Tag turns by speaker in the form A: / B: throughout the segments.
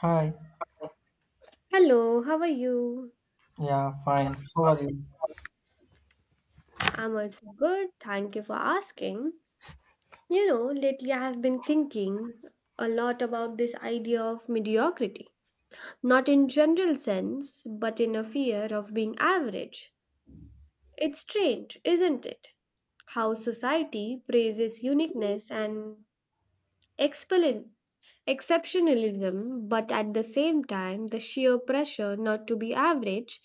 A: Hi.
B: Hello, how are you?
A: Yeah, fine. How are you?
B: I'm also good. Thank you for asking. You know, lately I have been thinking a lot about this idea of mediocrity. Not in general sense, but in a fear of being average. It's strange, isn't it? How society praises uniqueness and expel- exceptionalism, but at the same time, the sheer pressure not to be average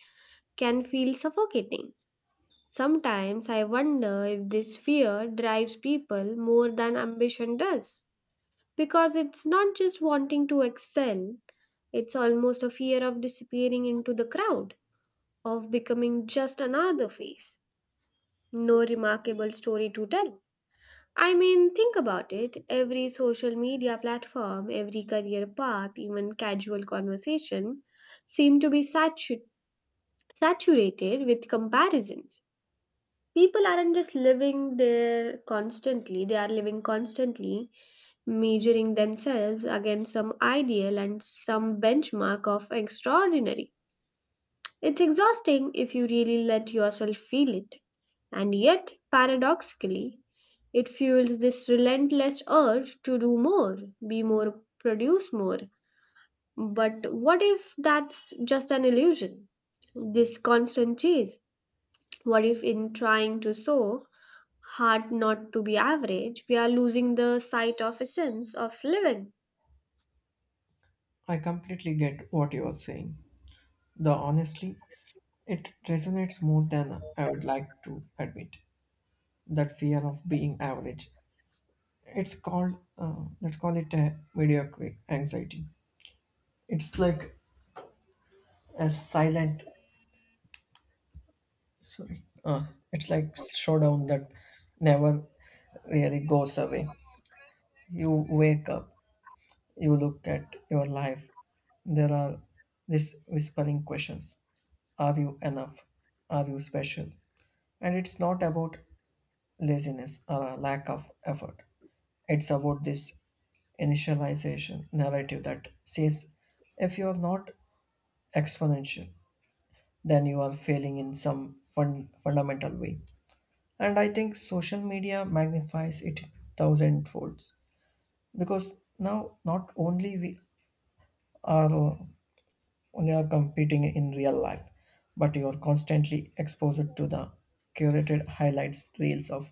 B: can feel suffocating. Sometimes I wonder if this fear drives people more than ambition does. Because it's not just wanting to excel, it's almost a fear of disappearing into the crowd, of becoming just another face. No remarkable story to tell. I mean, think about it. Every social media platform, every career path, even casual conversation seem to be saturated with comparisons. People aren't just living there constantly, they are living constantly, measuring themselves against some ideal and some benchmark of extraordinary. It's exhausting if you really let yourself feel it, and yet paradoxically it fuels this relentless urge to do more, be more, produce more. But what if that's just an illusion, this constant chase? What if in trying to sow hard not to be average, we are losing the sight of essence of living.
A: I completely get what you are saying. Though honestly, it resonates more than I would like to admit. That fear of being average. It's called let's call it a mediocre anxiety. It's like a silent sorry. It's like showdown that never really goes away. You wake up, you look at your life. There are these whispering questions. Are you enough? Are you special? And it's not about laziness or a lack of effort. It's about this initialization narrative that says if you are not exponential, then you are failing in some fundamental way. And I think social media magnifies it thousand folds because now not only we are when you are competing in real life, but you are constantly exposed to the curated highlights reels of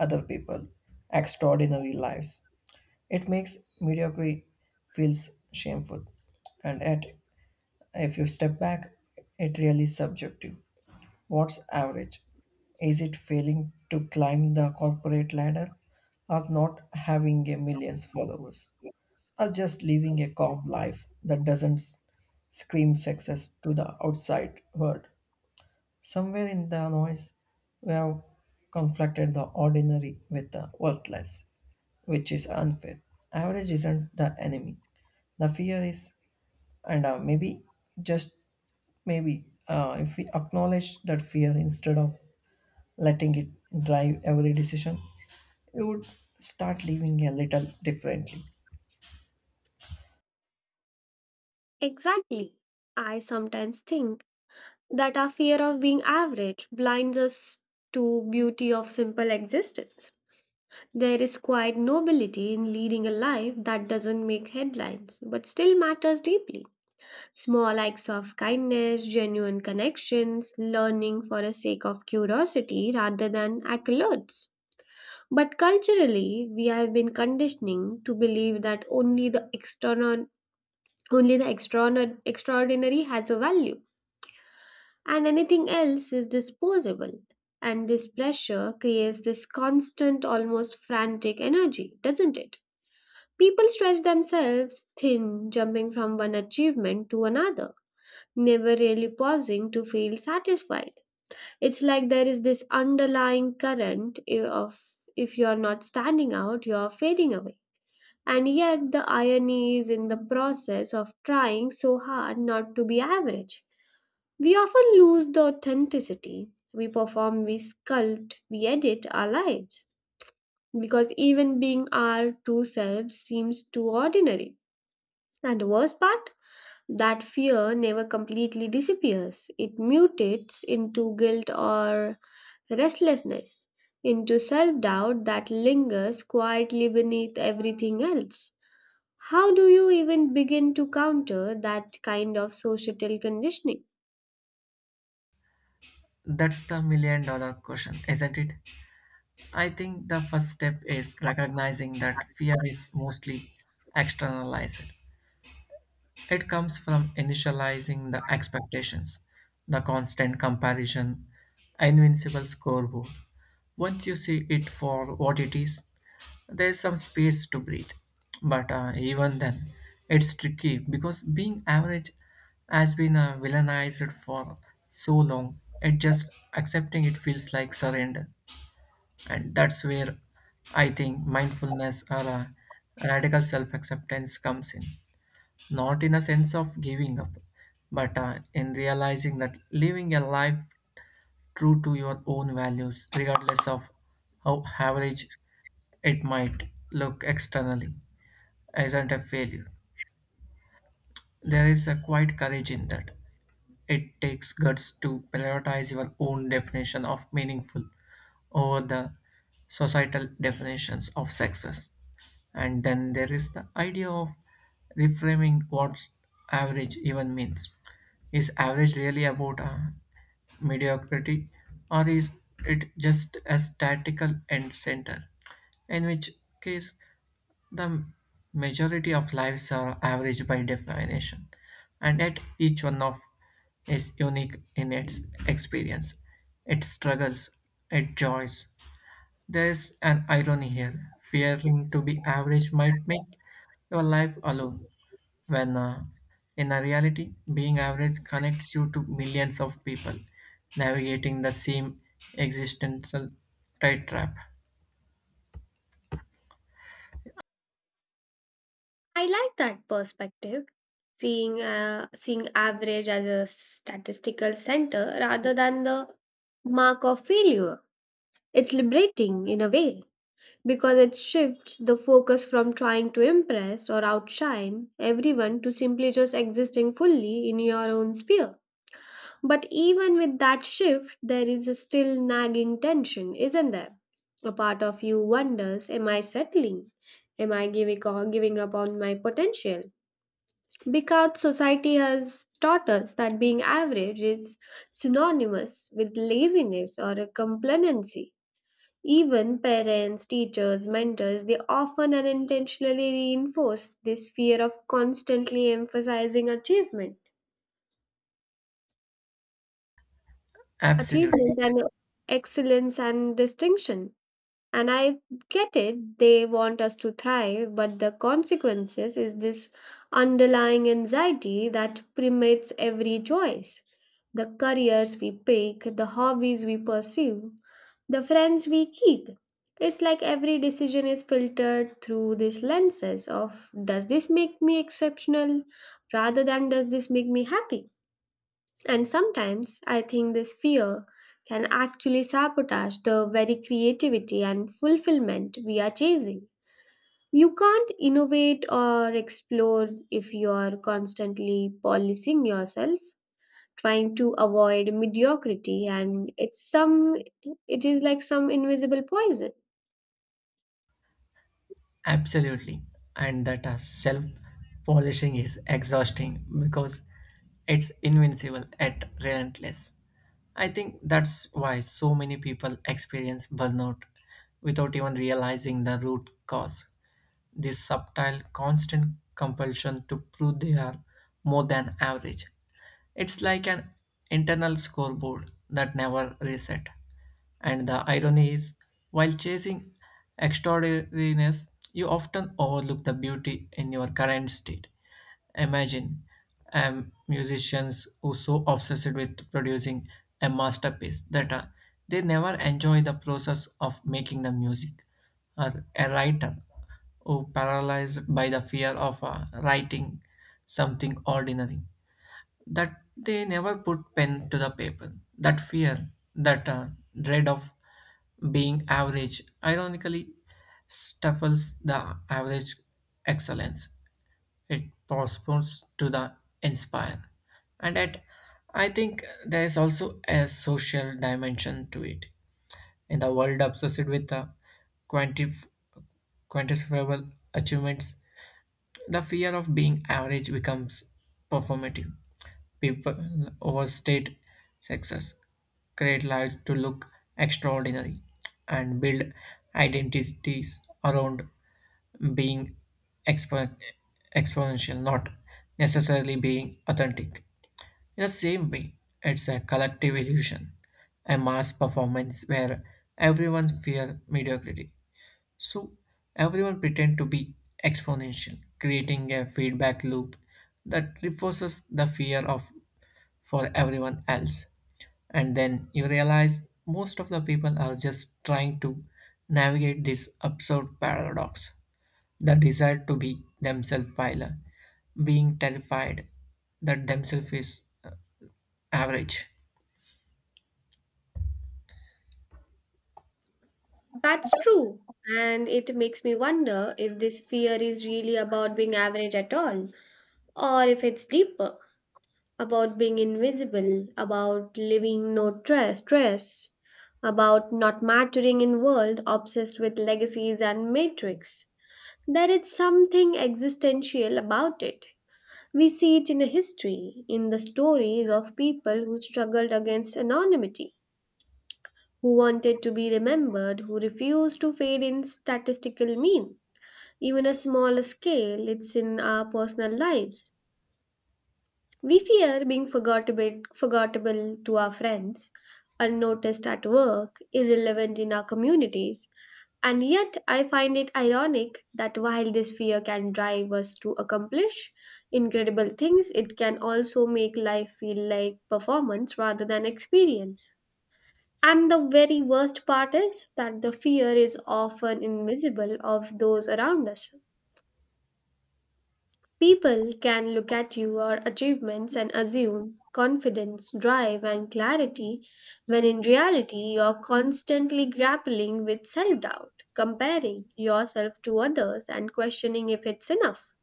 A: other people, extraordinary lives. It makes mediocrity feels shameful, and at if you step back, it really subjective. What's average? Is it failing to climb the corporate ladder or not having a millions followers, or just living a calm life that doesn't scream success to the outside world? Somewhere in the noise, we have conflicted the ordinary with the worthless, which is unfair. Average isn't the enemy. The fear is, and maybe just maybe if we acknowledge that fear instead of letting it drive every decision, we would start living a little differently.
B: Exactly. I sometimes think that our fear of being average blinds us to beauty of simple existence. There is quite nobility in leading a life that doesn't make headlines but still matters deeply. Small acts of kindness, genuine connections, learning for the sake of curiosity rather than accolades. But culturally, we have been conditioning to believe that only the external, extraordinary has a value, and anything else is disposable. And this pressure creates this constant, almost frantic energy, doesn't it? People stretch themselves thin, jumping from one achievement to another, never really pausing to feel satisfied. It's like there is this underlying current of if you're not standing out, you're fading away. And yet, the irony is in the process of trying so hard not to be average. We often lose the authenticity. We perform, we sculpt, we edit our lives. Because even being our true self seems too ordinary. And the worst part? That fear never completely disappears. It mutates into guilt or restlessness, into self doubt that lingers quietly beneath everything else. How do you even begin to counter that kind of societal conditioning?
A: That's the million dollar question, isn't it? I think the first step is recognizing that fear is mostly externalized. It comes from initializing the expectations, the constant comparison, invincible scoreboard. Once you see it for what it is, there's some space to breathe. But even then, it's tricky because being average has been villainized for so long. It just accepting it feels like surrender, and that's where I think mindfulness or radical self-acceptance comes in not in a sense of giving up, but in realizing that living a life true to your own values, regardless of how average it might look externally, isn't a failure. There is a quiet courage in that. It takes guts to prioritize your own definition of meaningful over the societal definitions of success. And then there is the idea of reframing what average even means. Is average really about mediocrity, or is it just a statical end center? In which case, the majority of lives are average by definition, and yet each one of is unique in its experience, its struggles, its joys. There is an irony here. Fearing to be average might make your life alone, when in a reality, being average connects you to millions of people navigating the same existential tight trap.
B: I like that perspective, seeing seeing average as a statistical center rather than the mark of failure. It's liberating in a way because it shifts the focus from trying to impress or outshine everyone to simply just existing fully in your own sphere. But even with that shift, there is a still nagging tension, isn't there? A part of you wonders, am I settling? Am I giving up on my potential? Because society has taught us that being average is synonymous with laziness or a complacency. Even parents, teachers, mentors, they often unintentionally reinforce this fear of constantly emphasizing achievement.
A: Absolutely.
B: Achievement and excellence and distinction. And I get it, they want us to thrive, but the consequences is this underlying anxiety that permeates every choice. The careers we pick, the hobbies we pursue, the friends we keep. It's like every decision is filtered through these lenses of does this make me exceptional rather than does this make me happy? And sometimes I think this fear can actually sabotage the very creativity and fulfillment we are chasing. You can't innovate or explore if you are constantly policing yourself, trying to avoid mediocrity, and it is like some invisible poison.
A: Absolutely. And that self polishing is exhausting because it's invincible and relentless. I think that's why so many people experience burnout without even realizing the root cause this subtle, constant compulsion to prove they are more than average. It's like an internal scoreboard that never reset. And the irony is, while chasing extraordinariness, you often overlook the beauty in your current state. Imagine musicians who so obsessed with producing a masterpiece that they never enjoy the process of making the music, or a writer or paralyzed by the fear of writing something ordinary, that they never put pen to the paper. That fear, that dread of being average, ironically stifles the average excellence. It postpones to the inspire. And at, I think there is also a social dimension to it. In the world obsessed with the quantif- quantifiable achievements the fear of being average becomes performative. People overstate success, create lives to look extraordinary, and build identities around being expo- exponential, not necessarily being authentic. In the same way, it's a collective illusion, a mass performance where everyone fears mediocrity so everyone pretend to be exponential, creating a feedback loop that reinforces the fear of for everyone else. And then you realize most of the people are just trying to navigate this absurd paradox. The desire to be themselves while being terrified that themselves is average.
B: That's true. And it makes me wonder if this fear is really about being average at all, or if it's deeper. About being invisible, about living no stress, about not mattering in world obsessed with legacies and matrix. There is something existential about it. We see it in history, in the stories of people who struggled against anonymity, who wanted to be remembered, who refused to fade in statistical mean. Even a small scale, it's in our personal lives. We fear being forgettable, forgettable to our friends, unnoticed at work, irrelevant in our communities. And yet, I find it ironic that while this fear can drive us to accomplish incredible things, it can also make life feel like performance rather than experience. And the very worst part is that the fear is often invisible of those around us. People can look at your achievements and assume confidence, drive, and clarity, when in reality, you're constantly grappling with self doubt, comparing yourself to others, and questioning if it's enough.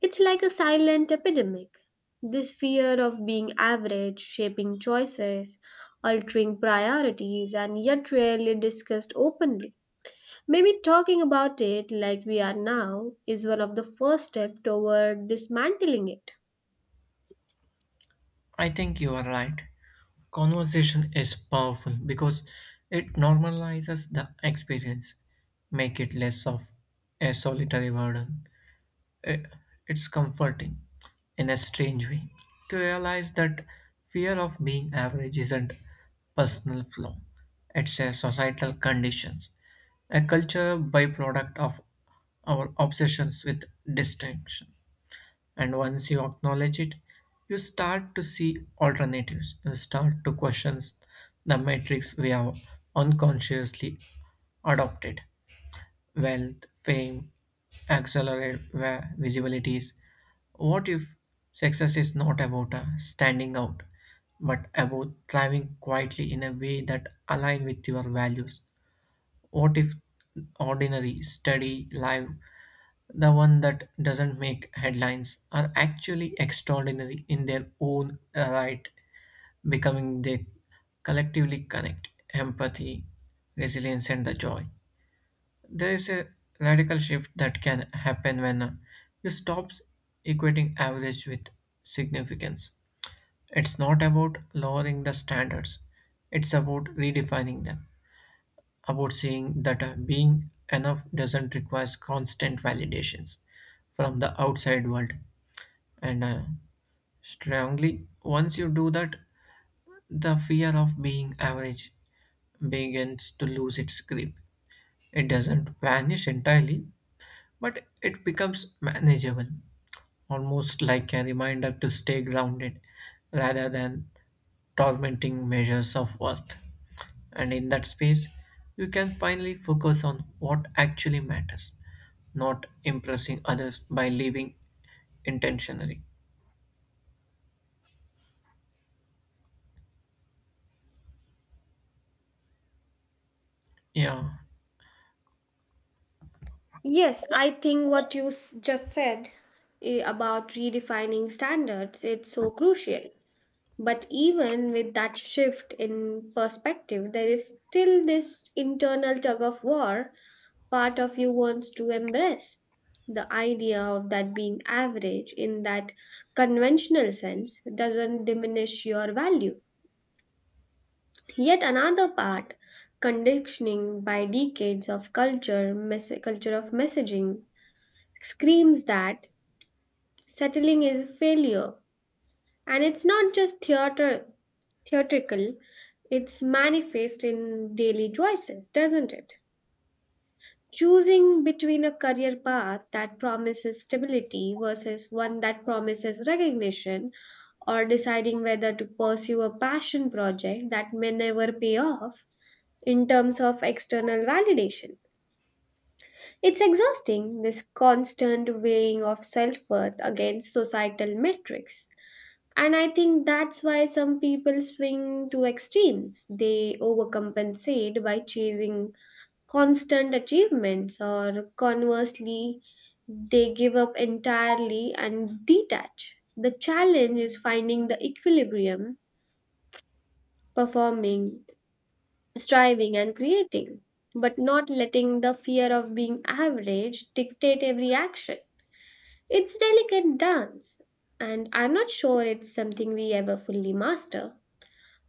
B: It's like a silent epidemic. This fear of being average, shaping choices, altering priorities, and yet rarely discussed openly. Maybe talking about it like we are now is one of the first steps toward dismantling it.
A: I think you are right. Conversation is powerful because it normalizes the experience, make it less of a solitary burden. I- It's comforting in a strange way to realize that fear of being average isn't personal flaw. It's a societal conditions, a culture byproduct of our obsessions with distinction. And once you acknowledge it, you start to see alternatives. You start to question the matrix we have unconsciously adopted. Wealth, fame, accelerate where visibility is. What if success is not about standing out, but about thriving quietly in a way that align with your values? What if ordinary, steady life the one that doesn't make headlines are actually extraordinary in their own right becoming they collectively connect empathy resilience and the joy there is a radical shift that can happen when you stop equating average with significance it's not about lowering the standards it's about redefining them about seeing that being enough doesn't require constant validations from the outside world and strongly. Once you do that, the fear of being average begins to lose its grip. It doesn't vanish entirely, but it becomes manageable, almost like a reminder to stay grounded rather than tormenting measures of worth. And in that space, you can finally focus on what actually matters, not impressing others by living intentionally. Yeah,
B: Yes, I think what you just said about redefining standards it's so crucial. But even with that shift in perspective, there is still this internal tug of war. Part of you wants to embrace. The idea of that being average in that conventional sense doesn't diminish your value. Yet another part, conditioning by decades of culture, culture of messaging, screams that settling is a failure. And it's not just theater, theatrical, it's manifest in daily choices, doesn't it? Choosing between a career path that promises stability versus one that promises recognition, or deciding whether to pursue a passion project that may never pay off, in terms of external validation. It's exhausting, this constant weighing of self worth against societal metrics. And I think that's why some people swing to extremes. They overcompensate by chasing constant achievements, or conversely, they give up entirely and detach. The challenge is finding the equilibrium, performing, striving and creating, but not letting the fear of being average dictate every action. It's delicate dance, and I'm not sure it's something we ever fully master.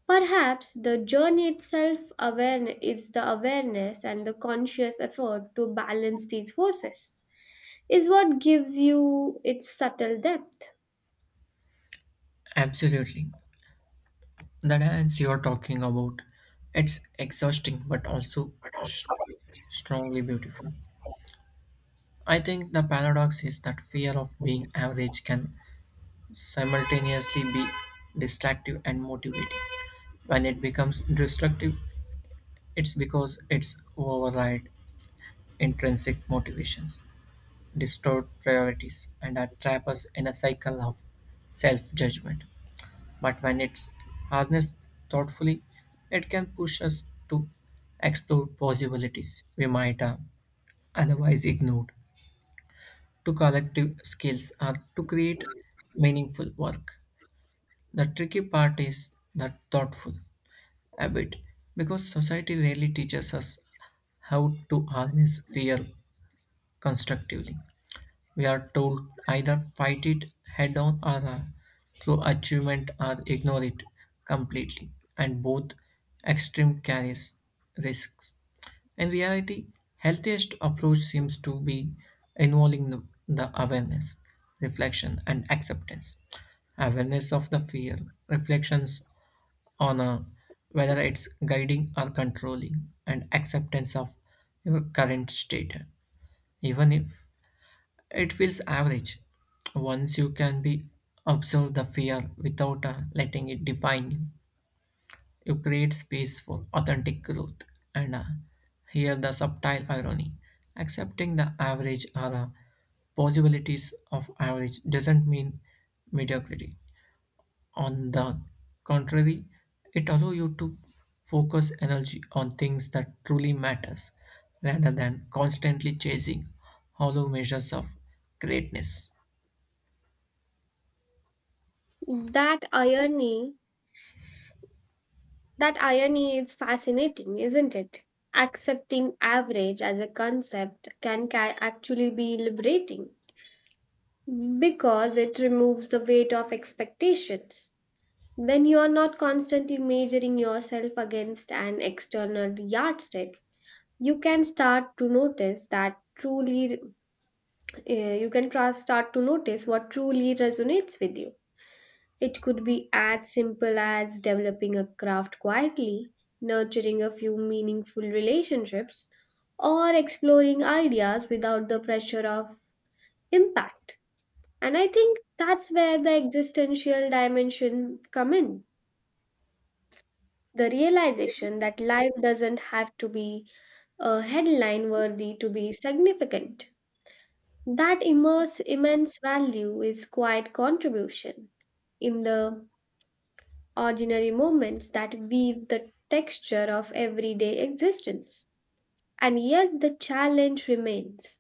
B: Perhaps the journey itself awareness is the awareness and the conscious effort to balance these forces is what gives you its subtle depth.
A: absolutely. The dance you are talking about, it's exhausting but also st- strongly beautiful. I think the paradox is that fear of being average can simultaneously be destructive and motivating. When it becomes destructive, it's because it's override intrinsic motivations, distort priorities, and are trap us in a cycle of self-judgment. But when it's harnessed thoughtfully, it can push us to explore possibilities we might have otherwise ignored, to collective skills or to create meaningful work. The tricky part is that thoughtful habit because society rarely teaches us how to harness fear constructively. We are told either fight it head-on or through achievement or ignore it completely, and both extreme carries risks. In reality, healthiest approach seems to be involving the awareness, reflection, and acceptance. Awareness of the fear, reflections on a, whether it's guiding or controlling, and acceptance of your current state, even if it feels average once you can be observe the fear without letting it define you. You create space for authentic growth and here the subtle irony. Accepting the average or possibilities of average doesn't mean mediocrity. On the contrary, it allows you to focus energy on things that truly matters rather than constantly chasing hollow measures of greatness.
B: That irony That irony is fascinating, isn't it? Accepting average as a concept can actually be liberating because it removes the weight of expectations. When you are not constantly measuring yourself against an external yardstick, you can start to notice that truly, you can start to notice what truly resonates with you. It could be as simple as developing a craft quietly, nurturing a few meaningful relationships, or exploring ideas without the pressure of impact. And I think that's where the existential dimension come in. The realization that life doesn't have to be a headline worthy to be significant. That immense value is quite contribution in the ordinary moments that weave the texture of everyday existence. And yet the challenge remains.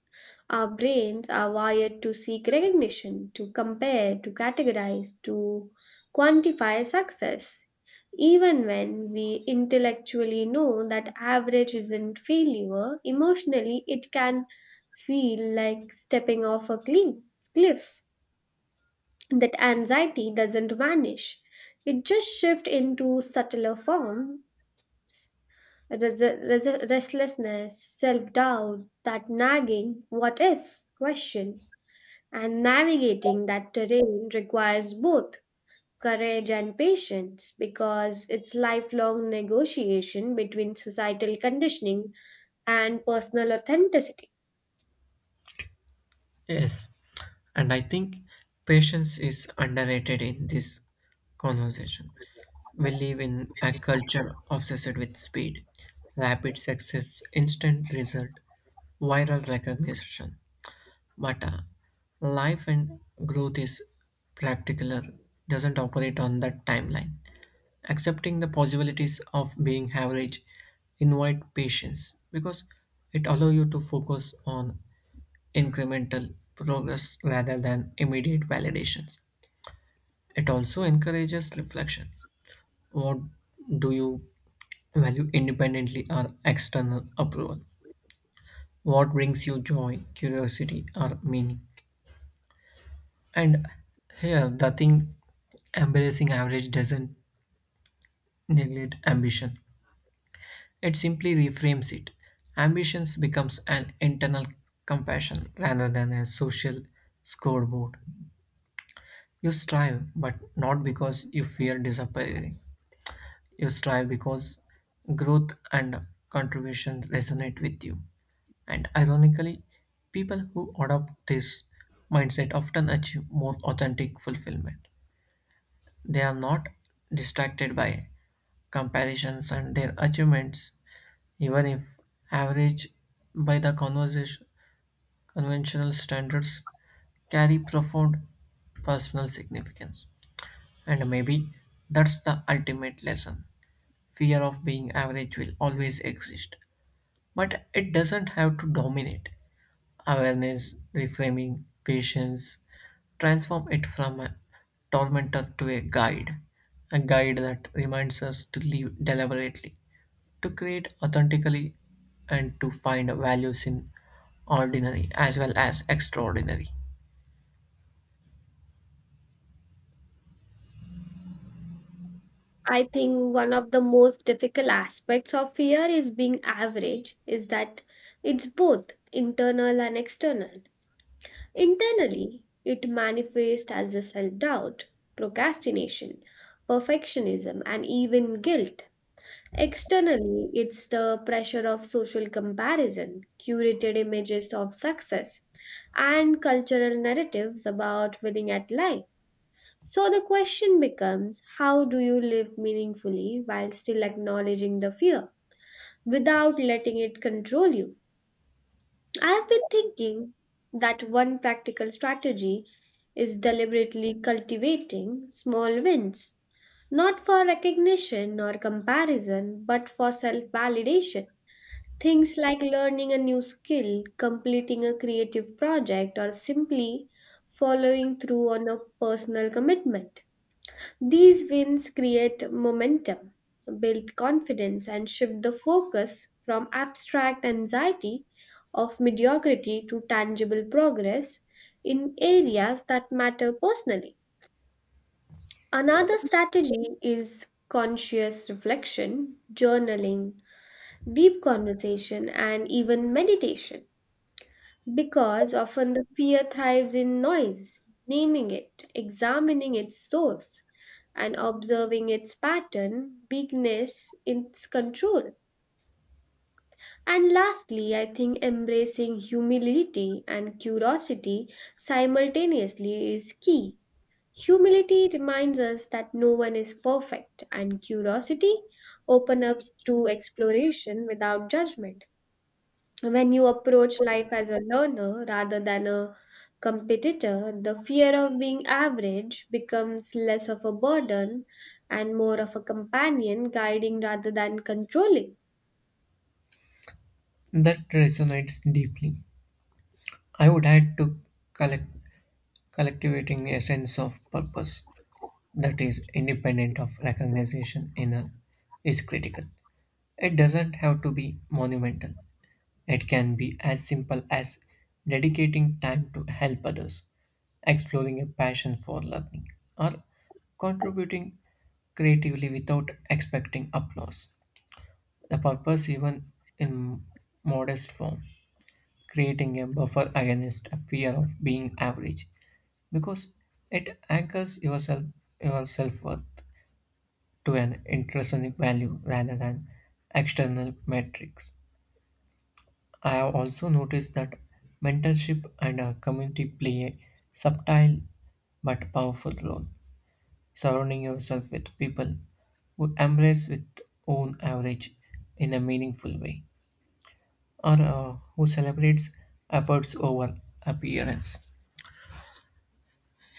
B: Our brains are wired to seek recognition, to compare, to categorize, to quantify success, even when we intellectually know that average isn't failure, emotionally it can feel like stepping off a cliff. That anxiety doesn't vanish. It just shifts into subtler forms, restlessness, self doubt, that nagging, what if question. And navigating that terrain requires both courage and patience because it's lifelong negotiation between societal conditioning and personal authenticity.
A: Yes, and I think patience is underrated in this conversation. We live in a culture obsessed with speed, rapid success, instant result, viral recognition. But life and growth is practical, doesn't operate on that timeline. Accepting the possibilities of being average invite patience because it allows you to focus on incremental progress rather than immediate validations. It also encourages reflections. What do you value independently or external approval? What brings you joy, curiosity, or meaning? And here, the thing embracing average doesn't neglect ambition, it simply reframes it. Ambitions becomes an internal compassion rather than a social scoreboard. You strive, but not because you fear disappearing. You strive because growth and contribution resonate with you. And ironically, people who adopt this mindset often achieve more authentic fulfillment. They are not distracted by comparisons and their achievements, even if average by the conversation, conventional standards, carry profound personal significance. And maybe that's the ultimate lesson. Fear of being average will always exist, but it doesn't have to dominate. Awareness, reframing, patience transform it from a tormentor to a guide that reminds us to live deliberately, to create authentically, and to find values in ordinary as well as extraordinary.
B: I think one of the most difficult aspects of fear is being average, is that it's both internal and external. Internally, it manifests as a self doubt, procrastination, perfectionism, and even guilt. Externally, it's the pressure of social comparison, curated images of success, and cultural narratives about winning at life. So the question becomes how do you live meaningfully while still acknowledging the fear without letting it control you? I've been thinking that one practical strategy is deliberately cultivating small wins, not for recognition or comparison, but for self validation. Things like learning a new skill, completing a creative project, or simply following through on a personal commitment. These wins create momentum, build confidence, and shift the focus from abstract anxiety of mediocrity to tangible progress in areas that matter personally. Another strategy is conscious reflection, journaling, deep conversation, and even meditation. Because often the fear thrives in noise, naming it, examining its source, and observing its pattern, weakness, its control. And lastly, I think embracing humility and curiosity simultaneously is key. Humility reminds us that no one is perfect, and curiosity opens up to exploration without judgment. When you approach life as a learner rather than a competitor, the fear of being average becomes less of a burden and more of a companion guiding rather than controlling.
A: That resonates deeply. I would add to collect Collectivating a sense of purpose that is independent of recognition in a, is critical. It doesn't have to be monumental. It can be as simple as dedicating time to help others, exploring a passion for learning, or contributing creatively without expecting applause. The purpose, even in modest form, creating a buffer against a fear of being average because it anchors yourself your self worth to an intrinsic value rather than external metrics. I have also noticed that mentorship and a community play a subtle but powerful role. Surrounding yourself with people who embrace with own average in a meaningful way, or who celebrates efforts over appearance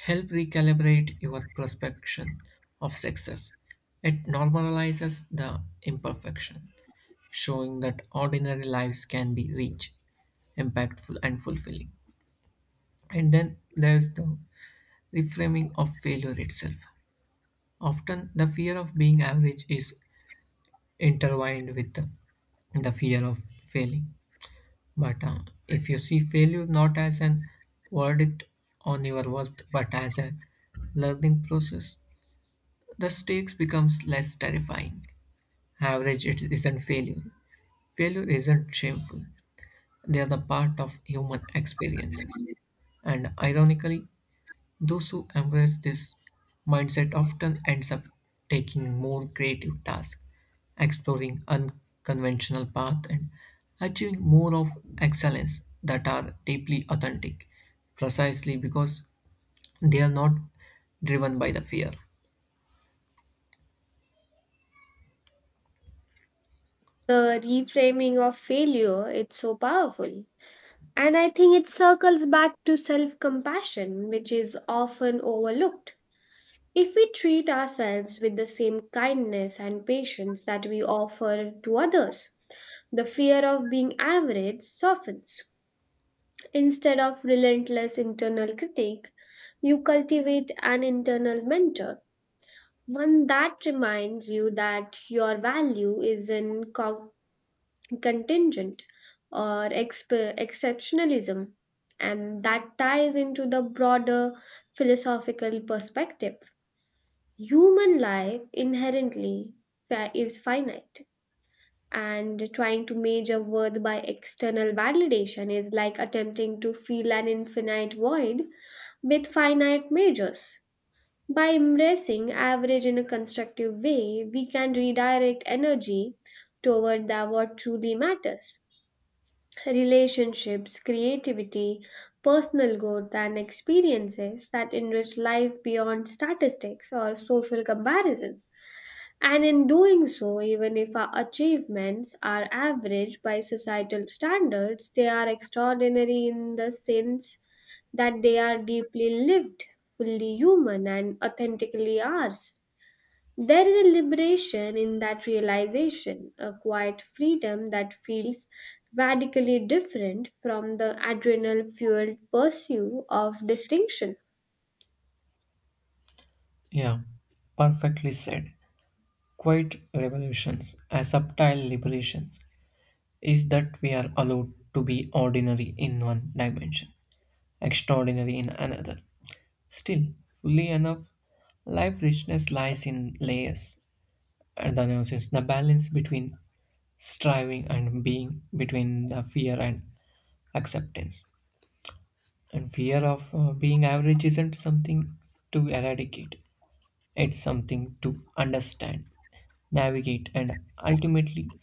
A: help recalibrate your perception of success. It normalizes the imperfection, showing that ordinary lives can be rich, impactful, and fulfilling. And then there's the reframing of failure itself. Often, the fear of being average is intertwined with the fear of failing. But if you see failure not as an verdict on your worth, but as a learning process, the stakes becomes less terrifying. Average it isn't failure. Failure isn't shameful. They are the part of human experiences. And ironically, those who embrace this mindset often ends up taking more creative tasks, exploring unconventional paths and achieving more of excellence that are deeply authentic, precisely because they are not driven by the fear.
B: The reframing of failure its so powerful. And I think it circles back to self compassion, which is often overlooked. If we treat ourselves with the same kindness and patience that we offer to others, the fear of being average softens. Instead of relentless internal critique, you cultivate an internal mentor, one that reminds you that your value isn't contingent or exceptionalism, and that ties into the broader philosophical perspective. Human life inherently is finite, and trying to measure worth by external validation is like attempting to fill an infinite void with finite measures. By embracing average in a constructive way, we can redirect energy toward what truly matters, relationships, creativity, personal growth, and experiences that enrich life beyond statistics or social comparison. And in doing so, even if our achievements are average by societal standards, they are extraordinary in the sense that they are deeply lived, fully human, and authentically ours. There is a liberation in that realization, a quiet freedom that feels radically different from the adrenal fueled pursuit of distinction.
A: Yeah, perfectly said. Quiet revolutions, a subtle liberations, is that we are allowed to be ordinary in one dimension, extraordinary in another. Still, fully enough, life richness lies in layers, and the analysis, the balance between striving and being, between the fear and acceptance. And fear of being average isn't something to eradicate, it's something to understand, navigate, and ultimately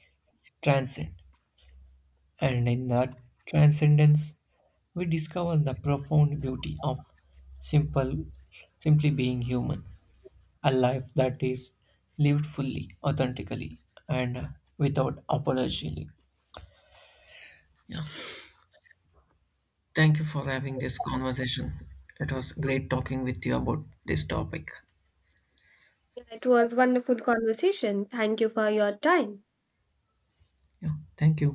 A: transcend. And in that transcendence, we discover the profound beauty of simple, simply being human, a life that is lived fully, authentically, and without apology. Yeah. Thank you for having this conversation. It was great talking with you about this topic.
B: It was wonderful conversation. Thank you for your time.
A: Yeah. Thank you.